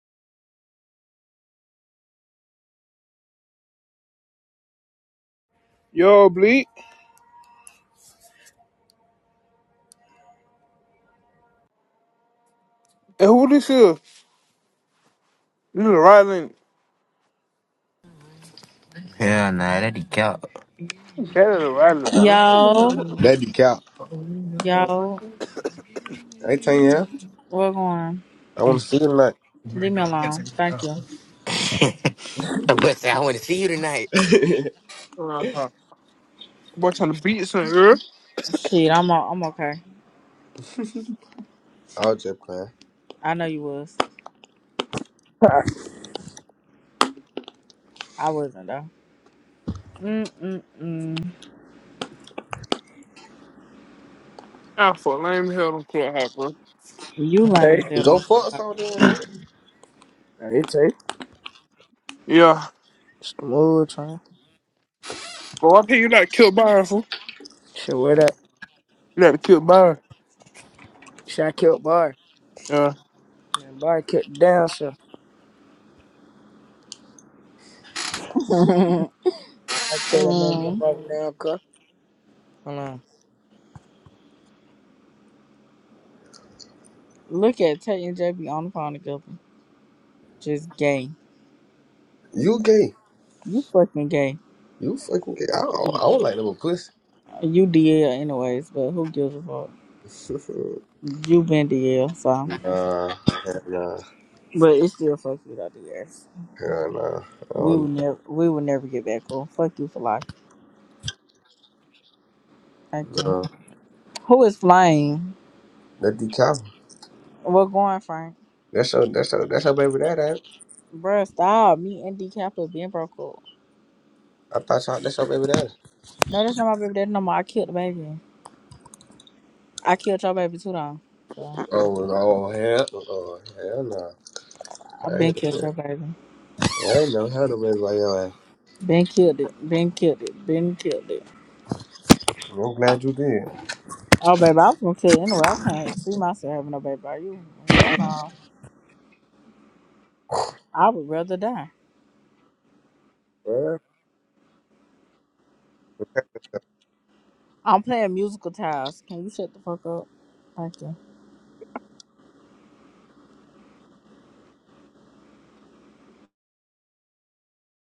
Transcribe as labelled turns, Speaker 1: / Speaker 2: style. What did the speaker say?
Speaker 1: Yo, Bleak. And who this is? This is Ryland.
Speaker 2: Hell nah, that'd be cap.
Speaker 1: Better than Ryland, bro.
Speaker 3: Yo,
Speaker 4: That be cap.
Speaker 3: yo,
Speaker 4: I ain't telling you.
Speaker 3: what's going on?
Speaker 4: I want to see it tonight.
Speaker 3: Leave me alone. Thank you.
Speaker 2: but say I want to see you tonight.
Speaker 1: Uh huh. Boy, trying to beat some ear.
Speaker 3: Shit, I'm all, I'm okay.
Speaker 4: I was just playing.
Speaker 3: I know you was.
Speaker 5: Hey,
Speaker 3: I wasn't though. Mm mm mm.
Speaker 1: Alpha, lame hell, don't club hot, bro.
Speaker 3: You lame
Speaker 5: hey,
Speaker 3: as hell,
Speaker 4: Go
Speaker 3: Uncle.
Speaker 4: fuck some damn nigga.
Speaker 5: hey. Tay.
Speaker 1: Yeah.
Speaker 5: Smooth, huh?
Speaker 1: But why can't you not kill Byron, fool?
Speaker 5: Shit, where that?
Speaker 1: You like to kill Byron.
Speaker 5: Shit, I killed Bar.
Speaker 1: Yeah.
Speaker 5: Man, Bar kicked down, so I tell that man to
Speaker 3: Mm.
Speaker 5: go back down, cuz. Hold on.
Speaker 3: Look at Tate and JB on the phone together. Just gay.
Speaker 4: You gay.
Speaker 3: You fucking gay.
Speaker 4: You fucking gay. I don't, I don't like no pussy.
Speaker 3: You DL anyways, but who gives a fuck? You been DL, so.
Speaker 4: nah. Hell nah.
Speaker 3: But it still fuck you though, DS.
Speaker 4: Hell nah. I
Speaker 3: We would
Speaker 4: don't,
Speaker 3: never, we would never get back cool. Fuck you for life. Thank you.
Speaker 4: nah.
Speaker 3: Who is flying?
Speaker 4: That be cap.
Speaker 3: What's going, Frank?
Speaker 4: That's your, that's your, that's your baby daddy. ain't it?
Speaker 3: Bruh, stop. Me and D Capital being broke up.
Speaker 4: I thought y'all, that's your baby daddy.
Speaker 3: No, that's not my baby daddy no more. I killed the baby. I killed your baby too though. So
Speaker 4: Oh, oh hell, oh hell no! Nah. I
Speaker 3: I've been
Speaker 4: ain't,
Speaker 3: killed your baby.
Speaker 4: I ain't never had a baby like your ass.
Speaker 3: Been killed it. Been killed it. Been killed it.
Speaker 4: I'm glad you did.
Speaker 3: Oh baby, I was gonna kill it anyway. I can't see myself having no baby. Are you? Hell no. I would rather die. I'm playing musical tiles. Can you shut the fuck up? Thank you.